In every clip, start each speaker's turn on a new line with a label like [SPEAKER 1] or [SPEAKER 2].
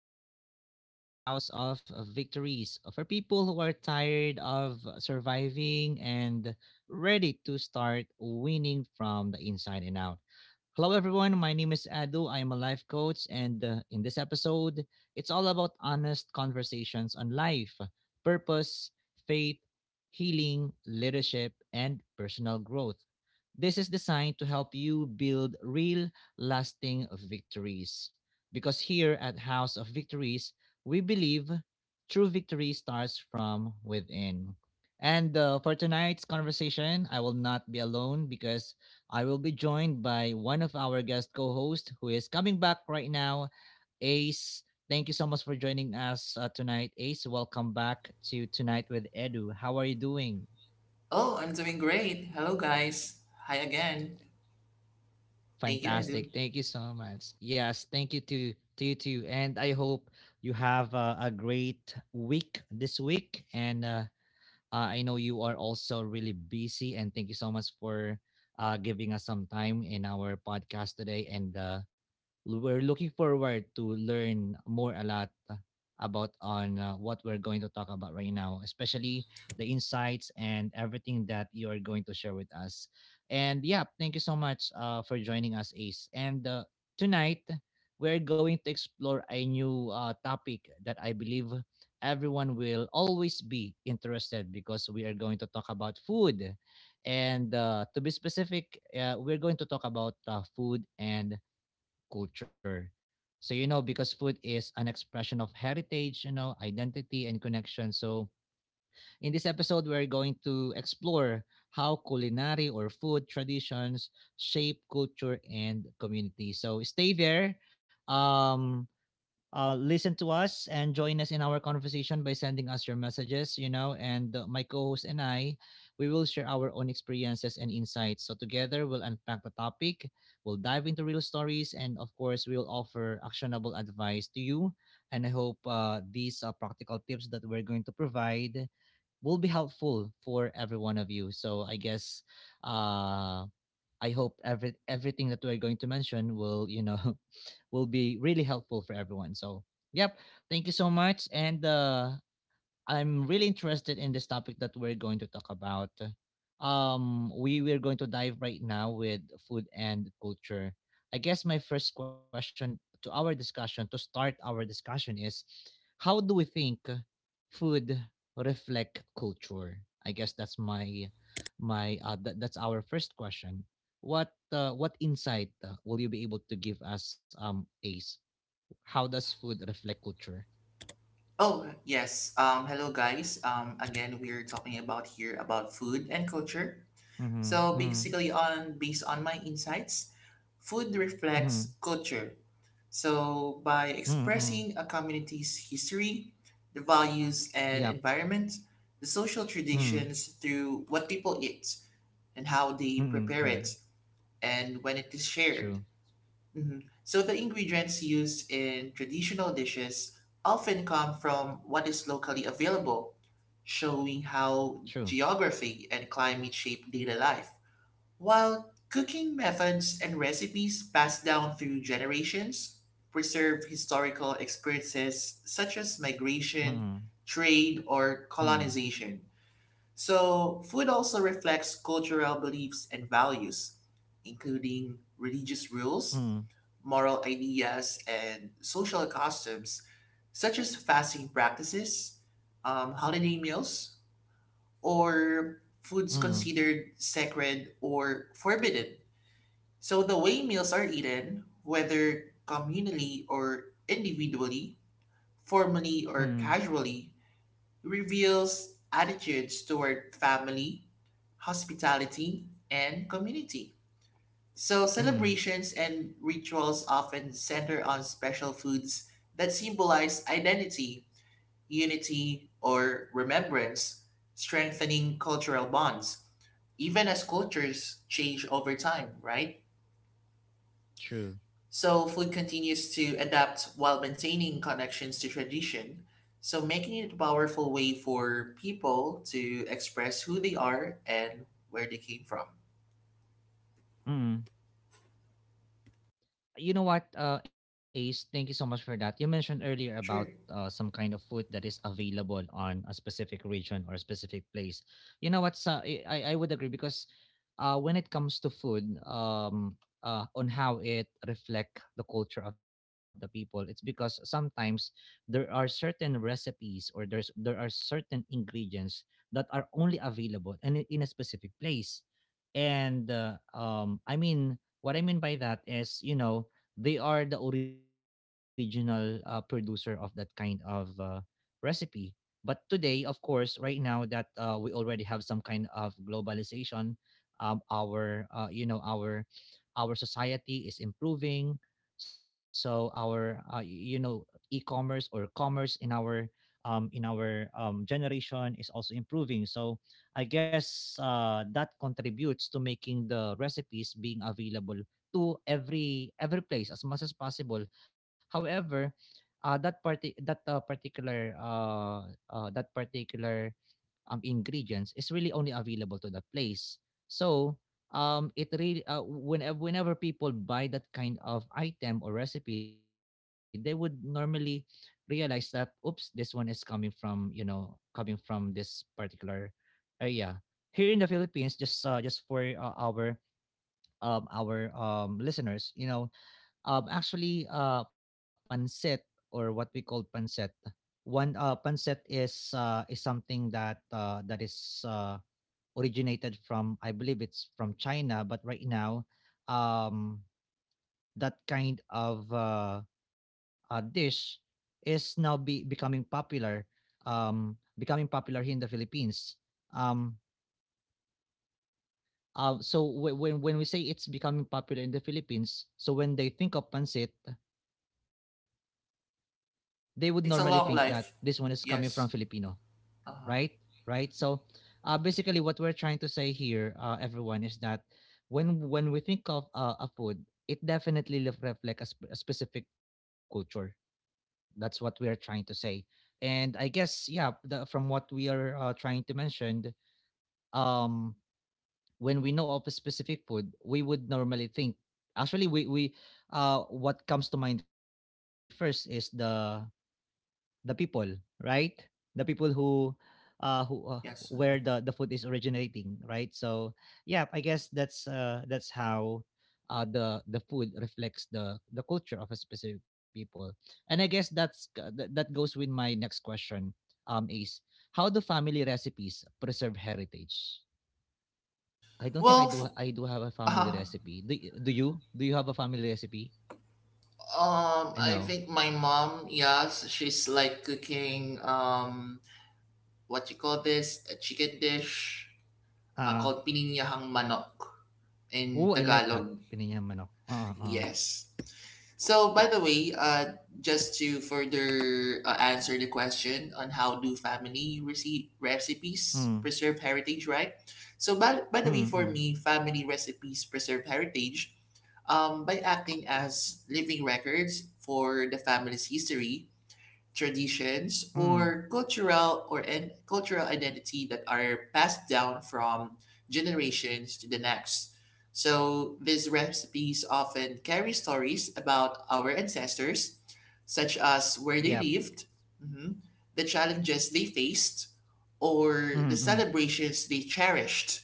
[SPEAKER 1] Edu, a podcast of House of Victories for people who are tired of surviving and ready to start winning from the inside and out. Hello, everyone. My name is Adu. I am a life coach, and in this episode, it's all about honest conversations on life, purpose, faith, healing, leadership, and personal growth. This is designed to help you build real, lasting victories. Because here at House of Victories, we believe true victory starts from within. And for tonight's conversation, I will not be alone because I will be joined by one of our guest co hosts who is coming back right now, Ace. Thank you so much for joining us tonight, Ace. Welcome back to Tonight with Edu. How are you doing?
[SPEAKER 2] Oh, I'm doing great. Hello, guys. Hi again. Thank you, Edu.
[SPEAKER 1] Fantastic. Thank you so much. Yes, thank you to you too. And I hope you have a great week this week and I know you are also really busy, and thank you so much for giving us some time in our podcast today. And we're looking forward to learn more a lot about on what we're going to talk about right now, especially the insights and everything that you are going to share with us. And yeah, thank you so much for joining us, Ace. And tonight, we're going to explore a new topic that I believe everyone will always be interested because we are going to talk about food. And to be specific, we're going to talk about food and culture. So, you know, because food is an expression of heritage, you know, identity and connection. So, in this episode, we're going to explore how culinary or food traditions shape culture and community. So, stay there. Um, Listen to us and join us in our conversation by sending us your messages, you know, and my co-host and I, we will share our own experiences and insights. So together we'll unpack the topic, we'll dive into real stories, and of course we'll offer actionable advice to you. And I hope these practical tips that we're going to provide will be helpful for every one of you. So I guess uh, I hope everything that we're going to mention will, you know, will be really helpful for everyone. So, yep. Thank you so much. And I'm really interested in this topic that we're going to talk about. We we're going to dive right now with food and culture. I guess my first question to our discussion to start our discussion is, how do we think food reflect culture? I guess that's that's our first question. What insight will you be able to give us, Ace? How does food reflect culture?
[SPEAKER 2] Oh, yes. Hello, guys. Again, we're talking about here about food and culture.
[SPEAKER 1] Mm-hmm,
[SPEAKER 2] So
[SPEAKER 1] mm-hmm,
[SPEAKER 2] basically, on based on my insights, food reflects culture. So by
[SPEAKER 1] mm-hmm.
[SPEAKER 2] expressing a community's history, the values and
[SPEAKER 1] Yup.
[SPEAKER 2] environment, the social
[SPEAKER 1] Hmm.
[SPEAKER 2] traditions through what people eat and how they
[SPEAKER 1] Mm,
[SPEAKER 2] prepare it,
[SPEAKER 1] mm.
[SPEAKER 2] and when it is shared.
[SPEAKER 1] True,
[SPEAKER 2] Mhm. So the ingredients used in traditional dishes often come from what is locally available, showing
[SPEAKER 1] true.
[SPEAKER 2] how geography and climate shape daily life. While cooking methods and recipes passed down through generations preserve historical experiences such as
[SPEAKER 1] Mm,
[SPEAKER 2] migration, trade, or
[SPEAKER 1] mm,
[SPEAKER 2] colonization. So, food also reflects cultural beliefs and values, including religious rules,
[SPEAKER 1] mm,
[SPEAKER 2] moral ideas, and social customs, such as fasting practices, holiday meals, or foods
[SPEAKER 1] mm,
[SPEAKER 2] considered sacred or forbidden. So, the way meals are eaten, whether communally or individually, formally
[SPEAKER 1] mm,
[SPEAKER 2] or casually, reveals attitudes toward family hospitality, and community. So,
[SPEAKER 1] mm.
[SPEAKER 2] celebrations and rituals often center on special foods that symbolize identity, unity, or remembrance, strengthening cultural bonds, even as cultures change over time, right?
[SPEAKER 1] True.
[SPEAKER 2] So, food continues to adapt while maintaining connections to tradition, so making it a powerful way for people to express who they are and where they came from.
[SPEAKER 1] Mm. You know what, Ace, thank you so much for that. You mentioned earlier about
[SPEAKER 2] Sure.
[SPEAKER 1] some kind of food that is available on a specific region or a specific place. You know what, sa I would agree because when it comes to food, on how it reflect the culture of the people, it's because sometimes there are certain recipes or there are certain ingredients that are only available and in a specific place. And I mean, what I mean by that is, you know, they are the original producer of that kind of recipe. But today, of course, right now that we already have some kind of globalization, our you know our society is improving. So our you know e-commerce or commerce in our generation is also improving. So I guess that contributes to making the recipes being available to every place as much as possible. However, that particular ingredients is really only available to that place. So it really whenever people buy that kind of item or recipe, they would normally realize that oops, this one is coming from you know coming from this particular area. Here in the Philippines, just for our listeners, you know, actually, pancit or what we call pancit, one pancit is something that that is originated from, I believe it's from China, but right now, um, that kind of dish is now be becoming popular here in the Philippines. Um, when when we say it's becoming popular in the Philippines, so when they think of pancit, they would normally
[SPEAKER 2] It's a
[SPEAKER 1] think
[SPEAKER 2] long
[SPEAKER 1] that
[SPEAKER 2] life.
[SPEAKER 1] this one is coming from
[SPEAKER 2] Yes.
[SPEAKER 1] Filipino,
[SPEAKER 2] Uh-huh.
[SPEAKER 1] right? Right. So, basically, what we're trying to say here, everyone, is that when we think of a food, it definitely reflects a specific culture. That's what we are trying to say. And I guess, yeah, from what we are trying to mention, um, when we know of a specific food, we would normally think. Actually, we what comes to mind first is the people, right? The people who where
[SPEAKER 2] Yes.
[SPEAKER 1] the
[SPEAKER 2] Mhm.
[SPEAKER 1] food is originating, right? So yeah, I guess that's how the food reflects the culture of a specific people. And I guess that that goes with my next question. Is How do family recipes preserve heritage? I don't think
[SPEAKER 2] Well, f-
[SPEAKER 1] I do have a family
[SPEAKER 2] uh,
[SPEAKER 1] recipe. Do you? Do you have a family recipe? I know.
[SPEAKER 2] I think my mom, yes, she's like cooking what you call this, a chicken dish
[SPEAKER 1] Ah.
[SPEAKER 2] called pininyahang manok in
[SPEAKER 1] Oh, I like that.
[SPEAKER 2] Tagalog.
[SPEAKER 1] Pininyang manok.
[SPEAKER 2] Yes. So, by the way, just to further answer the question on how do family
[SPEAKER 1] Mm.
[SPEAKER 2] recipes preserve heritage, right? So, by the way,
[SPEAKER 1] Mm.
[SPEAKER 2] for
[SPEAKER 1] Mm.
[SPEAKER 2] me, family recipes preserve heritage by acting as living records for the family's history traditions
[SPEAKER 1] Mm.
[SPEAKER 2] or cultural or cultural identity that are passed down from generations to the next. So these recipes often carry stories about our ancestors, such as
[SPEAKER 1] Yep.
[SPEAKER 2] where they lived, mhm, the challenges they faced, or the
[SPEAKER 1] Mm. Mm.
[SPEAKER 2] celebrations they cherished,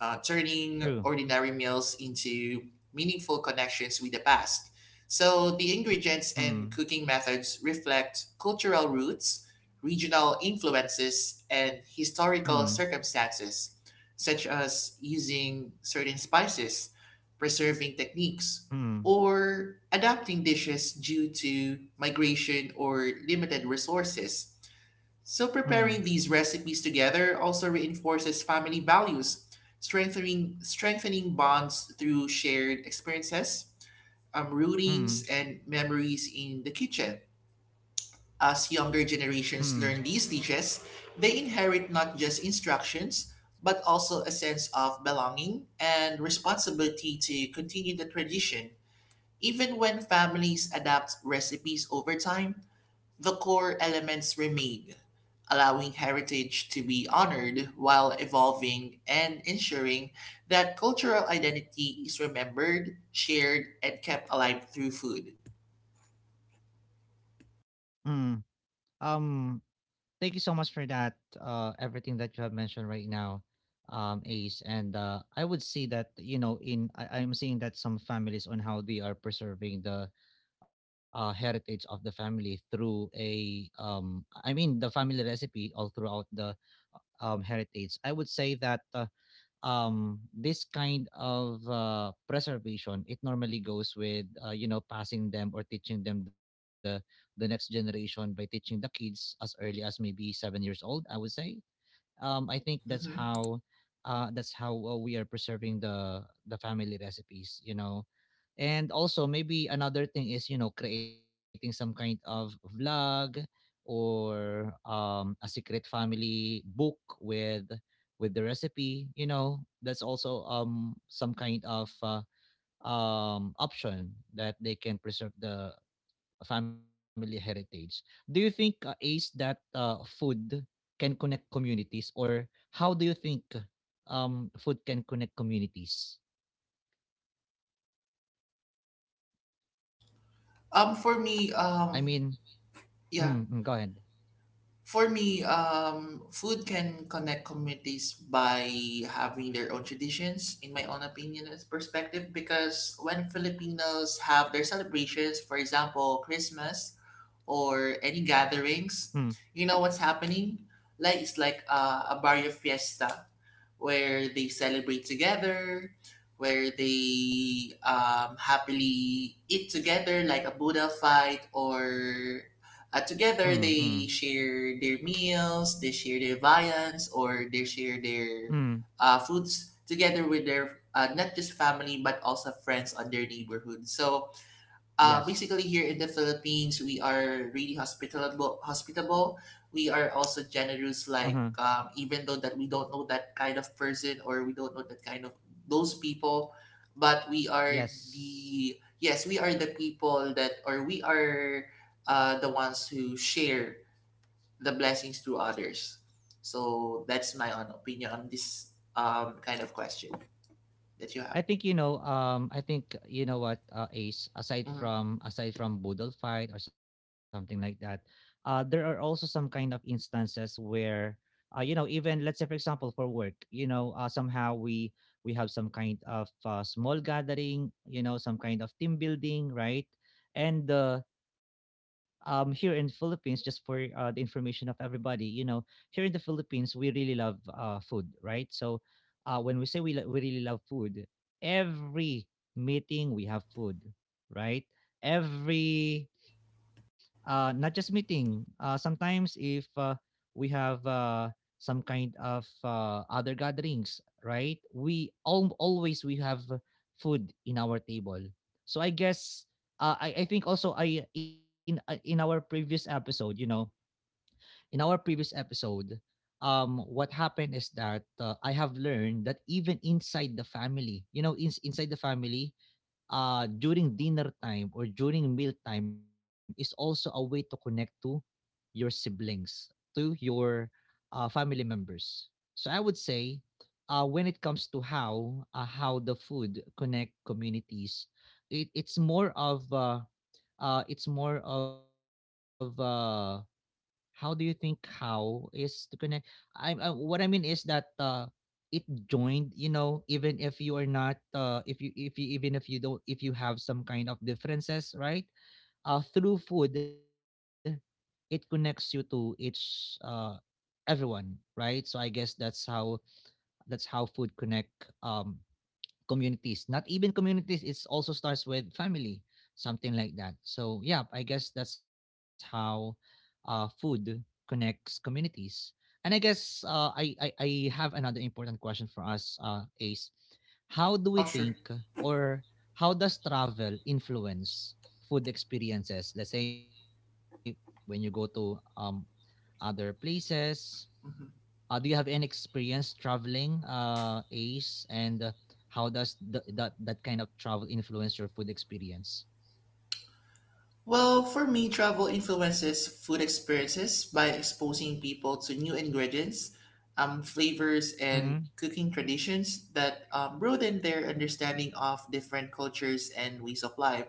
[SPEAKER 2] turning
[SPEAKER 1] True.
[SPEAKER 2] ordinary meals into meaningful connections with the past. So the ingredients
[SPEAKER 1] Mm.
[SPEAKER 2] and cooking methods reflect cultural roots, regional influences, and historical
[SPEAKER 1] Mm.
[SPEAKER 2] circumstances, such as using certain spices, preserving techniques,
[SPEAKER 1] Mm.
[SPEAKER 2] or adapting dishes due to migration or limited resources. So,
[SPEAKER 1] Mm.
[SPEAKER 2] preparing these recipes together also reinforces family values, strengthening bonds through shared experiences, routines,
[SPEAKER 1] Mm.
[SPEAKER 2] and memories in the kitchen. As younger
[SPEAKER 1] Mm.
[SPEAKER 2] generations learn these dishes, they inherit not just instructions, but also a sense of belonging and responsibility to continue the tradition. Even when families adapt recipes over time, the core elements remain, allowing heritage to be honored while evolving and ensuring that cultural identity is remembered, shared, and kept alive through food.
[SPEAKER 1] Mm. Um Thank you so much for that everything that you have mentioned right now. Ace, and I would say that you know I'm seeing that some families on how they are preserving the heritage of the family through a I mean the family recipe all throughout the heritage I would say that this kind of preservation it normally goes with you know passing them or teaching them the next generation by teaching the kids as early as maybe 7 years old I would say I think that's
[SPEAKER 2] Mhm.
[SPEAKER 1] how we are preserving the family recipes you know and also maybe another thing is, you know, creating some kind of vlog or a secret family book with the recipe, you know, that's also some kind of option that they can preserve the family heritage. Do you think Ace, that food can connect communities, or how do you think food can connect communities?
[SPEAKER 2] Um, for
[SPEAKER 1] I
[SPEAKER 2] me,
[SPEAKER 1] mean,
[SPEAKER 2] um,
[SPEAKER 1] mm, mm, go
[SPEAKER 2] yeah,
[SPEAKER 1] ahead.
[SPEAKER 2] for me, food can connect communities by having their own traditions, in my own opinion and perspective, because when Filipinos have their celebrations, for example, Christmas, or any
[SPEAKER 1] Hmm.
[SPEAKER 2] gatherings, you know what's happening? Like it's like a barrio fiesta where they celebrate together, where they happily eat together like a Buddha fight or
[SPEAKER 1] Mm,
[SPEAKER 2] together
[SPEAKER 1] mm,
[SPEAKER 2] they share their meals, they share their viands or they share their
[SPEAKER 1] mm.
[SPEAKER 2] foods together with their not just family but also friends on their neighborhood. So basically here in
[SPEAKER 1] Yes.
[SPEAKER 2] the Philippines, we are really hospitable. Hospitable. We are also
[SPEAKER 1] Uh-huh.
[SPEAKER 2] generous. Like even though that we don't know that kind of person or we don't know that kind of those people, but we are
[SPEAKER 1] Yes.
[SPEAKER 2] the yes, we are the people that or we are the ones who share the blessings to others. So that's my own opinion on this kind of question that you
[SPEAKER 1] I
[SPEAKER 2] have.
[SPEAKER 1] think you know. I think you know what Ace.
[SPEAKER 2] Mhm.
[SPEAKER 1] Aside from Boodle fight or something like that, there are also some kind of instances where, you know, even let's say for example for work, you know, somehow we have some kind of small gathering, you know, some kind of team building, right? And here in Philippines, just for the information of everybody, you know, here in the Philippines, we really love food, right? So when we say we really love food, every meeting we have food, right? Every not just meeting. Sometimes if we have some kind of other gatherings, right? Always we have food in our table. So I guess I think also I in our previous episode, you know, in our previous episode, what happened is that I have learned that even inside the family, you know, inside the family, during dinner time or during meal time is also a way to connect to your siblings, to your family members. So I would say, when it comes to how the food connect communities, it's more of it's more of how do you think how is to connect? I what I mean is that it joined. You know, even if you are not, if you even if you don't if you have some kind of differences, right? Through food, it connects you to each everyone, right? So I guess that's how food connect um communities. Not even communities, it also starts with family, something like that. So yeah, I guess that's how food connects communities. And I guess I have another important question for us, Ace. How do we
[SPEAKER 2] Oh,
[SPEAKER 1] think
[SPEAKER 2] sure.
[SPEAKER 1] or how does travel influence food experiences? Let's say when you go to other places, do
[SPEAKER 2] Mhm.
[SPEAKER 1] you have any experience traveling, Ace, and how does that kind of travel influence your food experience?
[SPEAKER 2] Well, for me, travel influences food experiences by exposing people to new ingredients, flavors,
[SPEAKER 1] Mm-hmm.
[SPEAKER 2] and cooking traditions that broaden their understanding of different cultures and ways of life.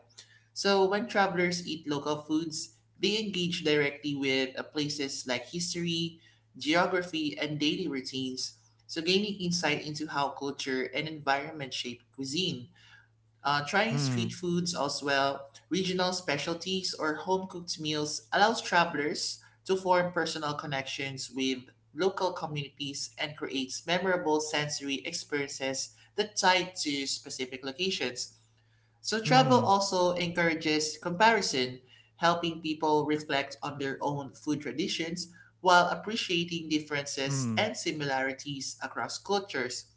[SPEAKER 2] So, when travelers eat local foods, they engage directly with places like history, geography, and daily routines, so gaining insight into how culture and environment shape cuisine. Trying
[SPEAKER 1] Mm.
[SPEAKER 2] street foods as well, regional specialties, or home cooked meals allows travelers to form personal connections with local communities and creates memorable sensory experiences that tie to specific locations. So travel
[SPEAKER 1] Mm-hmm.
[SPEAKER 2] also encourages comparison, helping people reflect on their own food traditions while appreciating
[SPEAKER 1] Mm.
[SPEAKER 2] differences and similarities across cultures.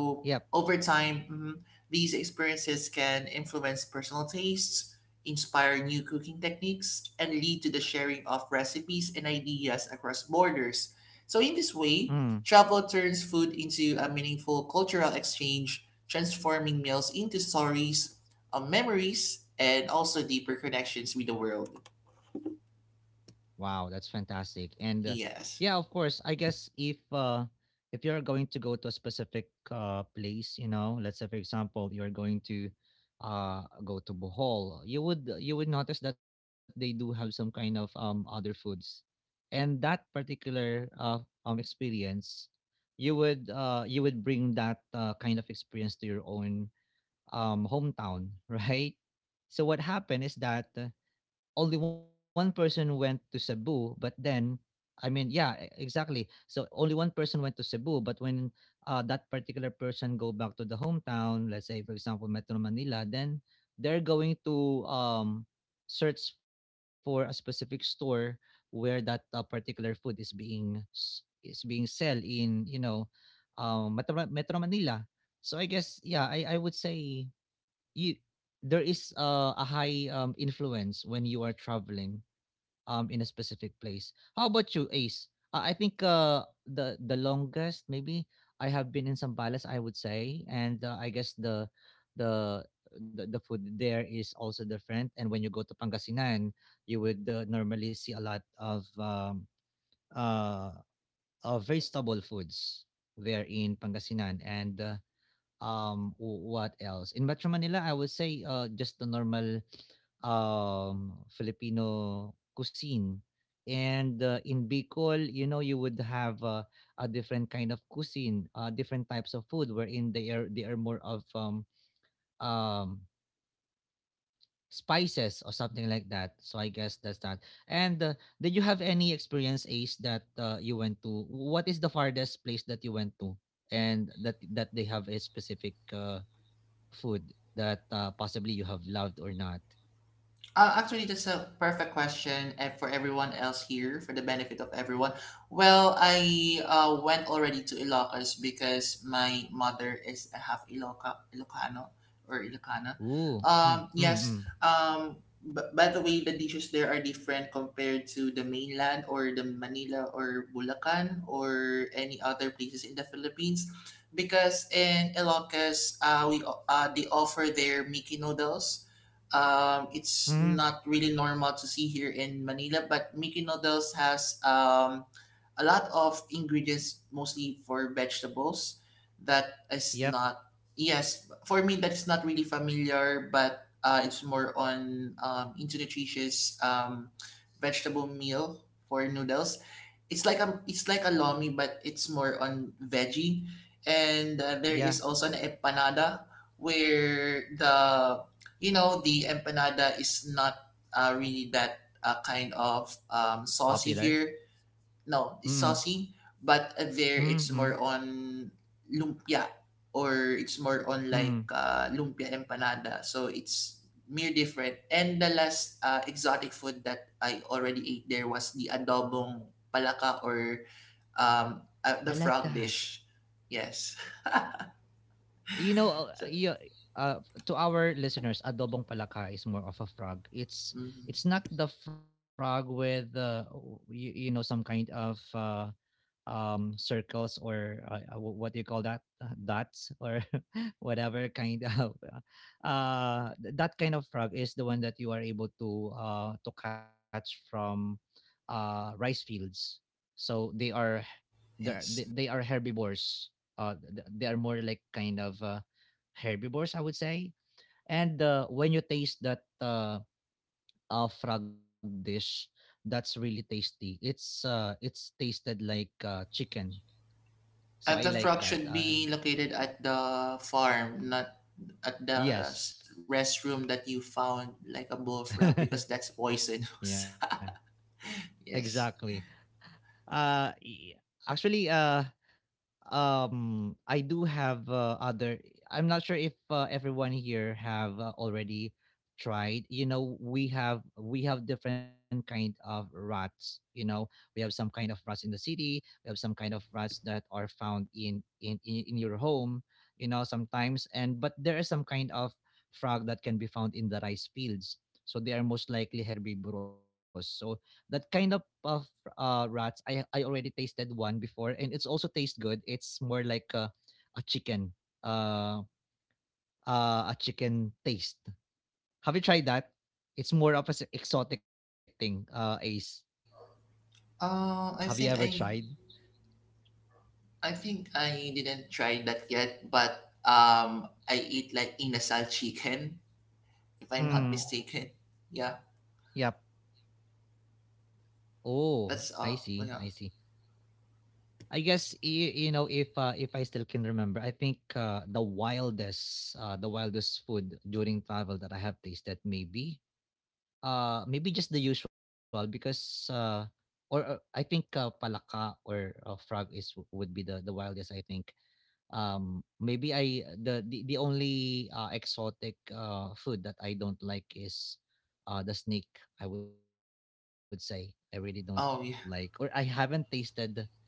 [SPEAKER 1] Yep.
[SPEAKER 2] over time, mm, these experiences can influence personal tastes, inspire new cooking techniques, and lead to the sharing of recipes and ideas across borders. So in this
[SPEAKER 1] Mm.
[SPEAKER 2] way, travel turns food into a meaningful cultural exchange transforming meals into stories memories and also deeper connections with the world.
[SPEAKER 1] Wow, that's fantastic. And yeah, of
[SPEAKER 2] Yes.
[SPEAKER 1] course, I guess if if you're going to go to a specific place, you know, let's say for example, you're going to go to Bohol, you would notice that they do have some kind of other foods and that particular experience you would bring that kind of experience to your own hometown right. So what happened is that only one person went to Cebu, but then, I mean, yeah, exactly. So only one person went to Cebu, but when that particular person go back to the hometown, let's say for example Metro Manila, then they're going to search for a specific store where that particular food is being is being sell in, you know, Metro Manila. So I guess yeah, I would say you there is a high influence when you are traveling in a specific place. How about you, Ace? I think the longest maybe I have been in Sambales, I would say, and I guess the the food there is also different, and when you go to Pangasinan you would normally see a lot of uh, vegetable foods there in Pangasinan and what else? In Metro Manila, I would say just the normal Filipino cuisine. And in Bicol, you know, you would have a different kind of cuisine, different types of food, wherein they are more of um, spices or something like that. So I guess that's that. And did you have any experience, Ace, that you went to? What is the farthest place that you went to, and that they have a specific food that possibly you have loved or not?
[SPEAKER 2] Actually, that's a perfect question and for everyone else here, for the benefit of everyone. Well, I went already to Ilocos because my mother is a half Iloca, Ilocano or Ilocana.
[SPEAKER 1] Ooh, mm, mm,
[SPEAKER 2] Yes,
[SPEAKER 1] mm.
[SPEAKER 2] but by the way, the dishes there are different compared to the mainland or the Manila or Bulacan or any other places in the Philippines. Because in Ilocos, they offer their Mickey noodles it's
[SPEAKER 1] Mm,
[SPEAKER 2] not really normal to see here in Manila, but Mickey noodles has a lot of ingredients, mostly for vegetables. That is
[SPEAKER 1] yep.
[SPEAKER 2] not yes for me. That is not really familiar, but it's more on into nutritious vegetable meal for noodles. It's like a lomi but it's more on veggie. And there
[SPEAKER 1] Yeah.
[SPEAKER 2] is also an empanada where the you know the empanada is not really that kind of saucy
[SPEAKER 1] Popular.
[SPEAKER 2] here no, it's
[SPEAKER 1] Mm,
[SPEAKER 2] saucy, but there
[SPEAKER 1] mm,
[SPEAKER 2] it's more
[SPEAKER 1] mm,
[SPEAKER 2] on lumpia or it's more on like
[SPEAKER 1] mm.
[SPEAKER 2] lumpia empanada. So it's mere different. And the last exotic food that I already ate there was the adobong palaka or
[SPEAKER 1] I
[SPEAKER 2] the
[SPEAKER 1] like
[SPEAKER 2] frog
[SPEAKER 1] that.
[SPEAKER 2] dish. Yes.
[SPEAKER 1] You know,
[SPEAKER 2] So,
[SPEAKER 1] to our listeners, adobong palaka is more of a frog.
[SPEAKER 2] mhm,
[SPEAKER 1] It's not the frog with you, you know, some kind of circles or what do you call that? Dots or whatever kind of that kind of frog is the one that you are able to catch from rice fields, so they are
[SPEAKER 2] yes.
[SPEAKER 1] they are herbivores, they are more like kind of herbivores, I would say. And when you taste that frog dish, that's really tasty. It's it's tasted like chicken, so I
[SPEAKER 2] And the
[SPEAKER 1] like
[SPEAKER 2] frog
[SPEAKER 1] that.
[SPEAKER 2] should be located at the farm, not at the
[SPEAKER 1] Yes.
[SPEAKER 2] restroom that you found like a bullfrog because that's
[SPEAKER 1] Yeah,
[SPEAKER 2] poisonous.
[SPEAKER 1] exactly.
[SPEAKER 2] Yes.
[SPEAKER 1] Uh, y- Actually, I do have other, I'm not sure if everyone here have already tried. You know, we have different kind of rats, you know, we have some kind of rats in the city, we have some kind of rats that are found in in your home, you know, sometimes, and but there is some kind of frog that can be found in the rice fields, so they are most likely herbivorous. So that kind of rats. I already tasted one before and it's also tastes good. It's more like a chicken. Uh a chicken taste. Have you tried that? It's more of a exotic thing, Ace. Have
[SPEAKER 2] Uh,
[SPEAKER 1] you
[SPEAKER 2] I
[SPEAKER 1] ever
[SPEAKER 2] think
[SPEAKER 1] tried?
[SPEAKER 2] I I think I didn't try that yet, but I eat like inasal chicken if I'm not
[SPEAKER 1] Mm.
[SPEAKER 2] mistaken. Yeah,
[SPEAKER 1] Yep. Oh, I
[SPEAKER 2] that's
[SPEAKER 1] see. I
[SPEAKER 2] all. Oh,
[SPEAKER 1] see.
[SPEAKER 2] yeah.
[SPEAKER 1] I guess you know if I still can remember, I think the wildest food during travel that I have tasted maybe. Maybe just the usual because or I think palaka or frog is would be the wildest, I think. Maybe I the only exotic food that I don't like is the snake. I would say I really don't like,
[SPEAKER 2] Oh,
[SPEAKER 1] or
[SPEAKER 2] yeah.
[SPEAKER 1] I haven't tasted.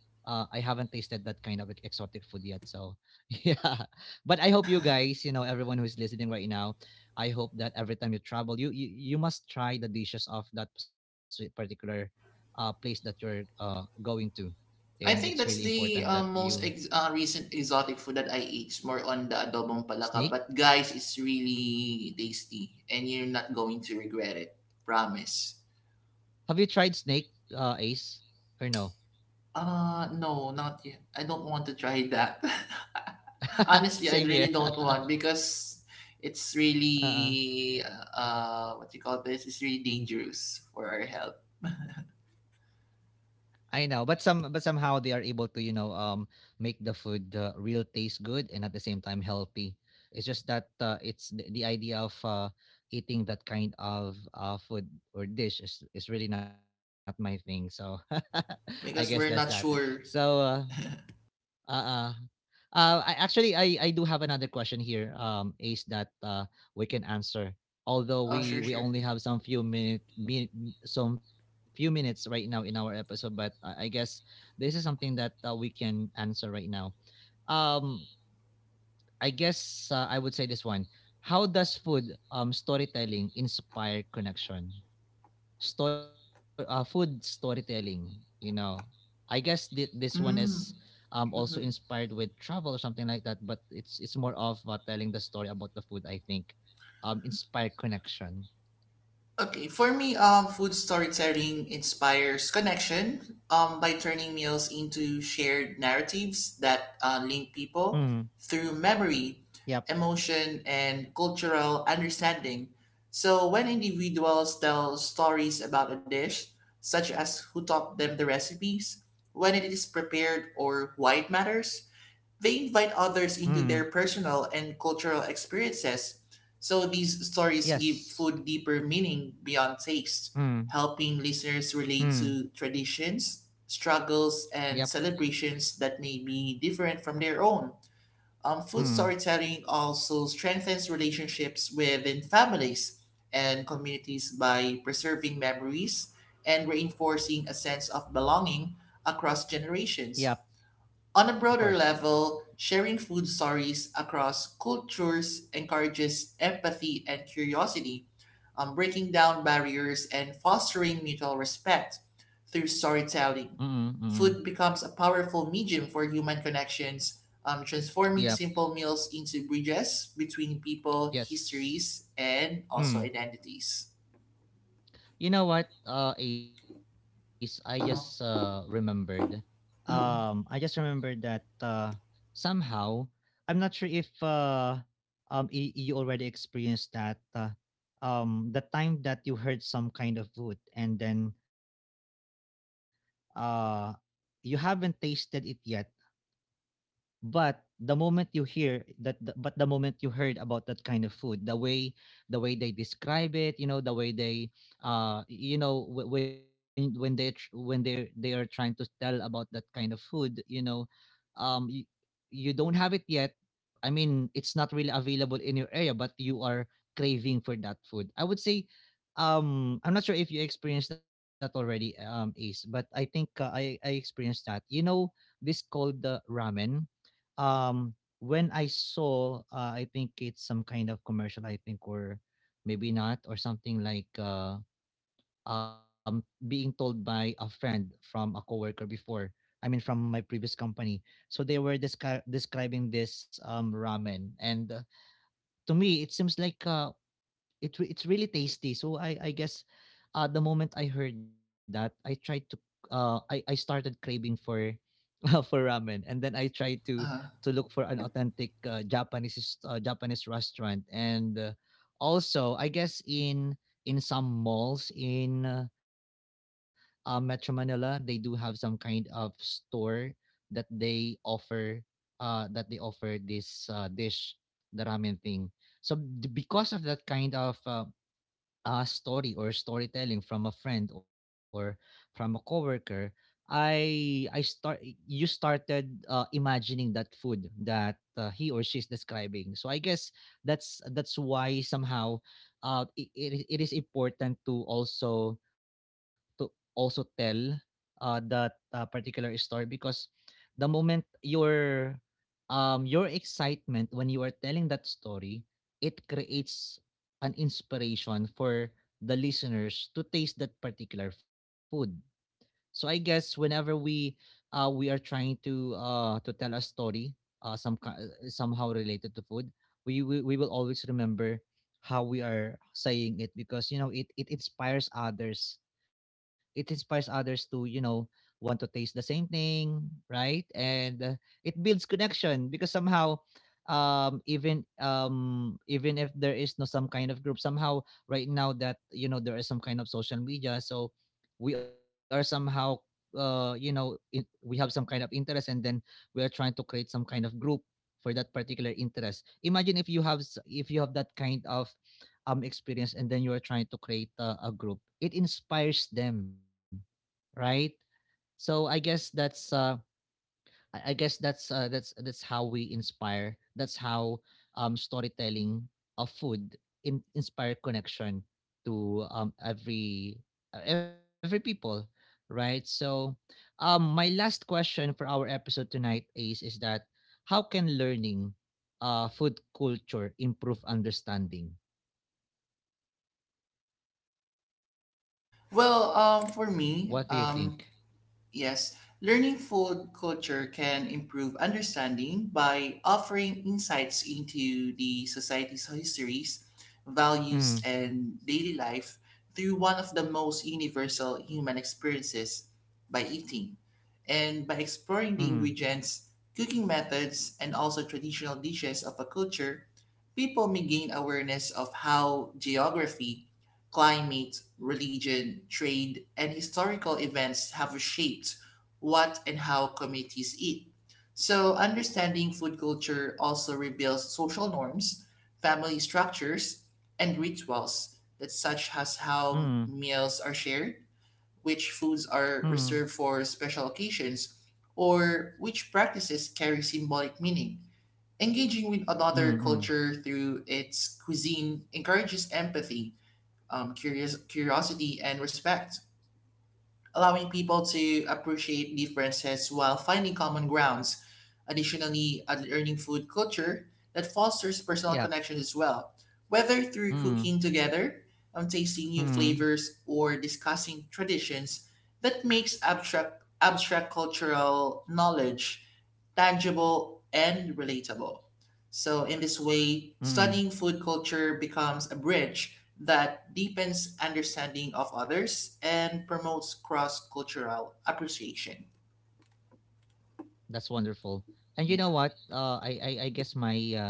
[SPEAKER 1] I haven't tasted that kind of exotic food yet. So yeah, but I hope you guys, you know, everyone who's listening right now, I hope that every time you travel, you must try the dishes of that particular place that you're going to,
[SPEAKER 2] I think that's
[SPEAKER 1] and it's
[SPEAKER 2] the
[SPEAKER 1] really
[SPEAKER 2] uh, most
[SPEAKER 1] important
[SPEAKER 2] ex-
[SPEAKER 1] that
[SPEAKER 2] uh,
[SPEAKER 1] you
[SPEAKER 2] recent exotic food that I eat. It's more on the adobong palaka, but guys, it's
[SPEAKER 1] snake.
[SPEAKER 2] really tasty, and you're not going to regret it. Promise.
[SPEAKER 1] Have you tried snake, Ace, or no?
[SPEAKER 2] No, not yet. I don't want to try that. Honestly, I really
[SPEAKER 1] Same
[SPEAKER 2] don't
[SPEAKER 1] here.
[SPEAKER 2] want because it's
[SPEAKER 1] Uh,
[SPEAKER 2] really what you call this is really dangerous for our health
[SPEAKER 1] I know, but somehow they are able to, you know, make the food real taste good and at the same time healthy. It's just that it's the idea of eating that kind of food or dish is really not my thing. So I guess that's
[SPEAKER 2] because
[SPEAKER 1] that.
[SPEAKER 2] we're not
[SPEAKER 1] So
[SPEAKER 2] sure.
[SPEAKER 1] uh uh, I actually I do have another question here, Ace, that we can answer. Although
[SPEAKER 2] Oh, sure, sure.
[SPEAKER 1] we only have some few minutes right now in our episode, but I guess this is something that we can answer right now. Um, I guess I would say this one. How does food storytelling inspire connection? Store food storytelling, you know. I guess this one is
[SPEAKER 2] Mm.
[SPEAKER 1] also
[SPEAKER 2] Mhm.
[SPEAKER 1] inspired with travel or something like that, but it's more of telling the story about the food, I think. Inspired connection.
[SPEAKER 2] Okay, for me, food storytelling inspires connection by turning meals into shared narratives that link
[SPEAKER 1] Mm.
[SPEAKER 2] people through memory,
[SPEAKER 1] Yep.
[SPEAKER 2] emotion, and cultural understanding. So when individuals tell stories about a dish, such as who taught them the recipes, when it is prepared, or why it matters, they invite
[SPEAKER 1] Mm.
[SPEAKER 2] others into their personal and cultural experiences, so these stories give
[SPEAKER 1] Yes.
[SPEAKER 2] food deeper meaning beyond taste,
[SPEAKER 1] Mm.
[SPEAKER 2] helping listeners
[SPEAKER 1] Mm.
[SPEAKER 2] relate to traditions, struggles,
[SPEAKER 1] Yep.
[SPEAKER 2] and celebrations that may be different from their own. Food
[SPEAKER 1] Mm.
[SPEAKER 2] storytelling also strengthens relationships within families and communities by preserving memories and reinforcing a sense of belonging across
[SPEAKER 1] Yep.
[SPEAKER 2] generations. On
[SPEAKER 1] Of
[SPEAKER 2] a broader
[SPEAKER 1] course.
[SPEAKER 2] level, sharing food stories across cultures encourages empathy and curiosity, breaking down barriers and fostering mutual respect through
[SPEAKER 1] Mm.
[SPEAKER 2] storytelling.
[SPEAKER 1] Mm.
[SPEAKER 2] Food becomes a powerful medium for human connections, transforming
[SPEAKER 1] Yep.
[SPEAKER 2] simple meals into bridges between people,
[SPEAKER 1] Yes.
[SPEAKER 2] histories, and also
[SPEAKER 1] Mm.
[SPEAKER 2] identities.
[SPEAKER 1] You know what, Ace? I just remembered. I just remember that somehow I'm not sure if you already experienced that the time that you heard some kind of food and then uh you haven't tasted it yet, but the moment you hear that the, but the moment you heard about that kind of food, the way they describe it, you know, the way they uh you know when they they are trying to tell about that kind of food, you know, um you, you don't have it yet. I mean, it's not really available in your area, but you are craving for that food. I would say I'm not sure if you experienced that already Ace, but I think I experienced that. You know this called the ramen. When I saw, I think it's some kind of commercial. I think or maybe not or something like being told by a friend from a coworker before. I mean, from my previous company. So they were describing this ramen, and to me, it seems like it's really tasty. So I guess the moment I heard that, I tried to I started craving for for ramen, and then I tried
[SPEAKER 2] Uh,
[SPEAKER 1] to look for an authentic Japanese restaurant, and also I guess in some malls in Metro Manila, they do have some kind of store that they offer that they offer this dish, the ramen thing. So because of that kind of story or storytelling from a friend or from a coworker, I start you started imagining that food that he or she is describing. So I guess that's why somehow it is important to also tell that particular story, because the moment you're your excitement when you are telling that story, it creates an inspiration for the listeners to taste that particular food. So I guess whenever we are trying to tell a story somehow related to food, we will always remember how we are saying it, because you know it inspires others. It inspires others to, you know, want to taste the same thing, right? And it builds connection because somehow even if there is no some kind of group somehow right now, that you know there is some kind of social media. So we are somehow you know we have some kind of interest, and then we are trying to create some kind of group for that particular interest. Imagine if you have if you have that kind of experience, and then you are trying to create a group, it inspires them, right? So I guess that's I guess that's that's how we inspire. That's how storytelling of food inspire connection to every people, right? So, my last question for our episode tonight is that how can learning food culture improve understanding?
[SPEAKER 2] well, um, for
[SPEAKER 1] What do you
[SPEAKER 2] me,
[SPEAKER 1] think?
[SPEAKER 2] um, yes, learning food culture can improve understanding by offering insights into the society's histories, values,
[SPEAKER 1] Mm,
[SPEAKER 2] and daily life through one of the most universal human experiences by eating. And by exploring
[SPEAKER 1] mm,
[SPEAKER 2] the ingredients, cooking methods, and also traditional dishes of a culture, people may gain awareness of how geography climate, religion, trade, and historical events have shaped what and how communities eat. So, understanding food culture also reveals social norms, family structures, and rituals that such as
[SPEAKER 1] mm,
[SPEAKER 2] how meals are shared, which foods
[SPEAKER 1] mm,
[SPEAKER 2] are reserved for special occasions, or which practices carry symbolic meaning. Engaging with
[SPEAKER 1] mm,
[SPEAKER 2] another
[SPEAKER 1] mm.
[SPEAKER 2] culture through its cuisine encourages empathy curiosity and respect, allowing people to appreciate differences while finding common grounds. Additionally, a learning food culture that fosters personal
[SPEAKER 1] Yep.
[SPEAKER 2] connections as well, whether through
[SPEAKER 1] Mm,
[SPEAKER 2] cooking together, tasting new
[SPEAKER 1] mm,
[SPEAKER 2] flavors, or discussing traditions that makes abstract cultural knowledge tangible, and relatable. So, in this way,
[SPEAKER 1] mm.
[SPEAKER 2] studying food culture becomes a bridge that deepens understanding of others and promotes cross cultural appreciation.
[SPEAKER 1] That's wonderful. And you know
[SPEAKER 2] Yeah.
[SPEAKER 1] what? I guess my uh,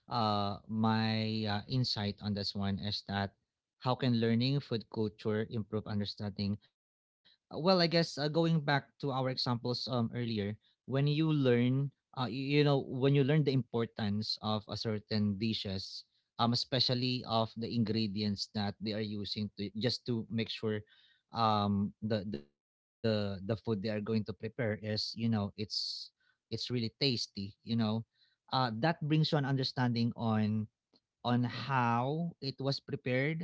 [SPEAKER 1] uh, my insight on this one is that how can learning food culture improve understanding? Well, I guess going back to our examples earlier, when you learn, you, you know, when you learn the importance of a certain dishes, especially of the ingredients that they are using to just to make sure um the the the food they are going to prepare is, you know, it's really tasty, you know, that brings you an understanding on how it was prepared,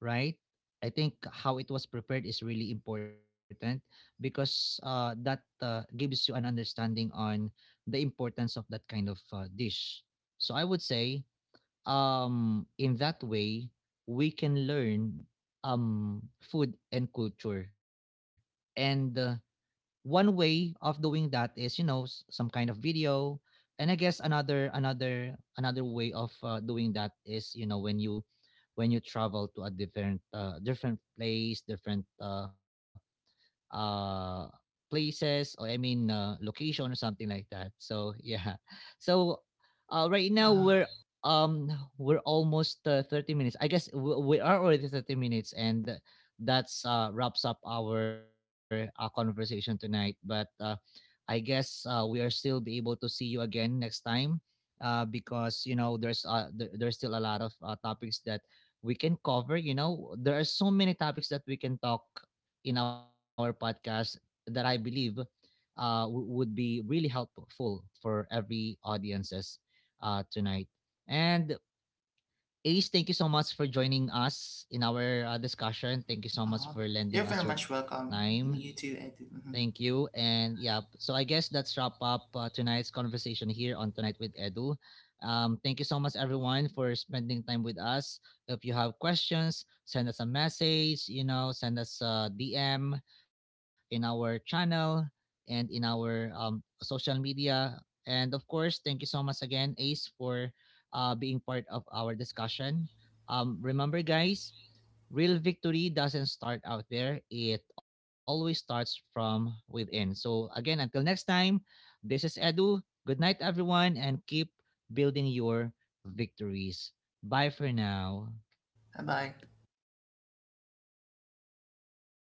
[SPEAKER 1] right? I think how it was prepared is really important because that gives you an understanding on the importance of that kind of dish. So I would say in that way we can learn food and culture, and one way of doing that is you know some kind of video, and I guess another way of doing that is you know when you travel to a different place, different uh places or I mean location or something like that. So yeah. So right now
[SPEAKER 2] Uh-huh.
[SPEAKER 1] um we're almost 30 minutes. I guess we are already 30 minutes, and that's wraps up our conversation tonight. But I guess we are still be able to see you again next time because you know there's there's still a lot of topics that we can cover. You know there are so many topics that we can talk in our podcast that I believe would be really helpful for every audiences tonight. And Ace, thank you so much for joining us in our discussion. Thank you so much
[SPEAKER 2] Uh-huh.
[SPEAKER 1] for lending
[SPEAKER 2] You're
[SPEAKER 1] us
[SPEAKER 2] very
[SPEAKER 1] your
[SPEAKER 2] much
[SPEAKER 1] time.
[SPEAKER 2] welcome. You too, Ed.
[SPEAKER 1] Thank you. And yeah, so I guess that's wrap up tonight's conversation here on Tonight with Edu. Thank you so much, everyone, for spending time with us. If you have questions, send us a message, you know, send us a DM in our channel and in our social media. And of course, thank you so much again, Ace, for being part of our discussion. Remember, guys, real victory doesn't start out there, it always starts from within. So again, until next time, this is Edu. Good night, everyone, and keep building your victories. Bye for now.
[SPEAKER 2] Bye bye.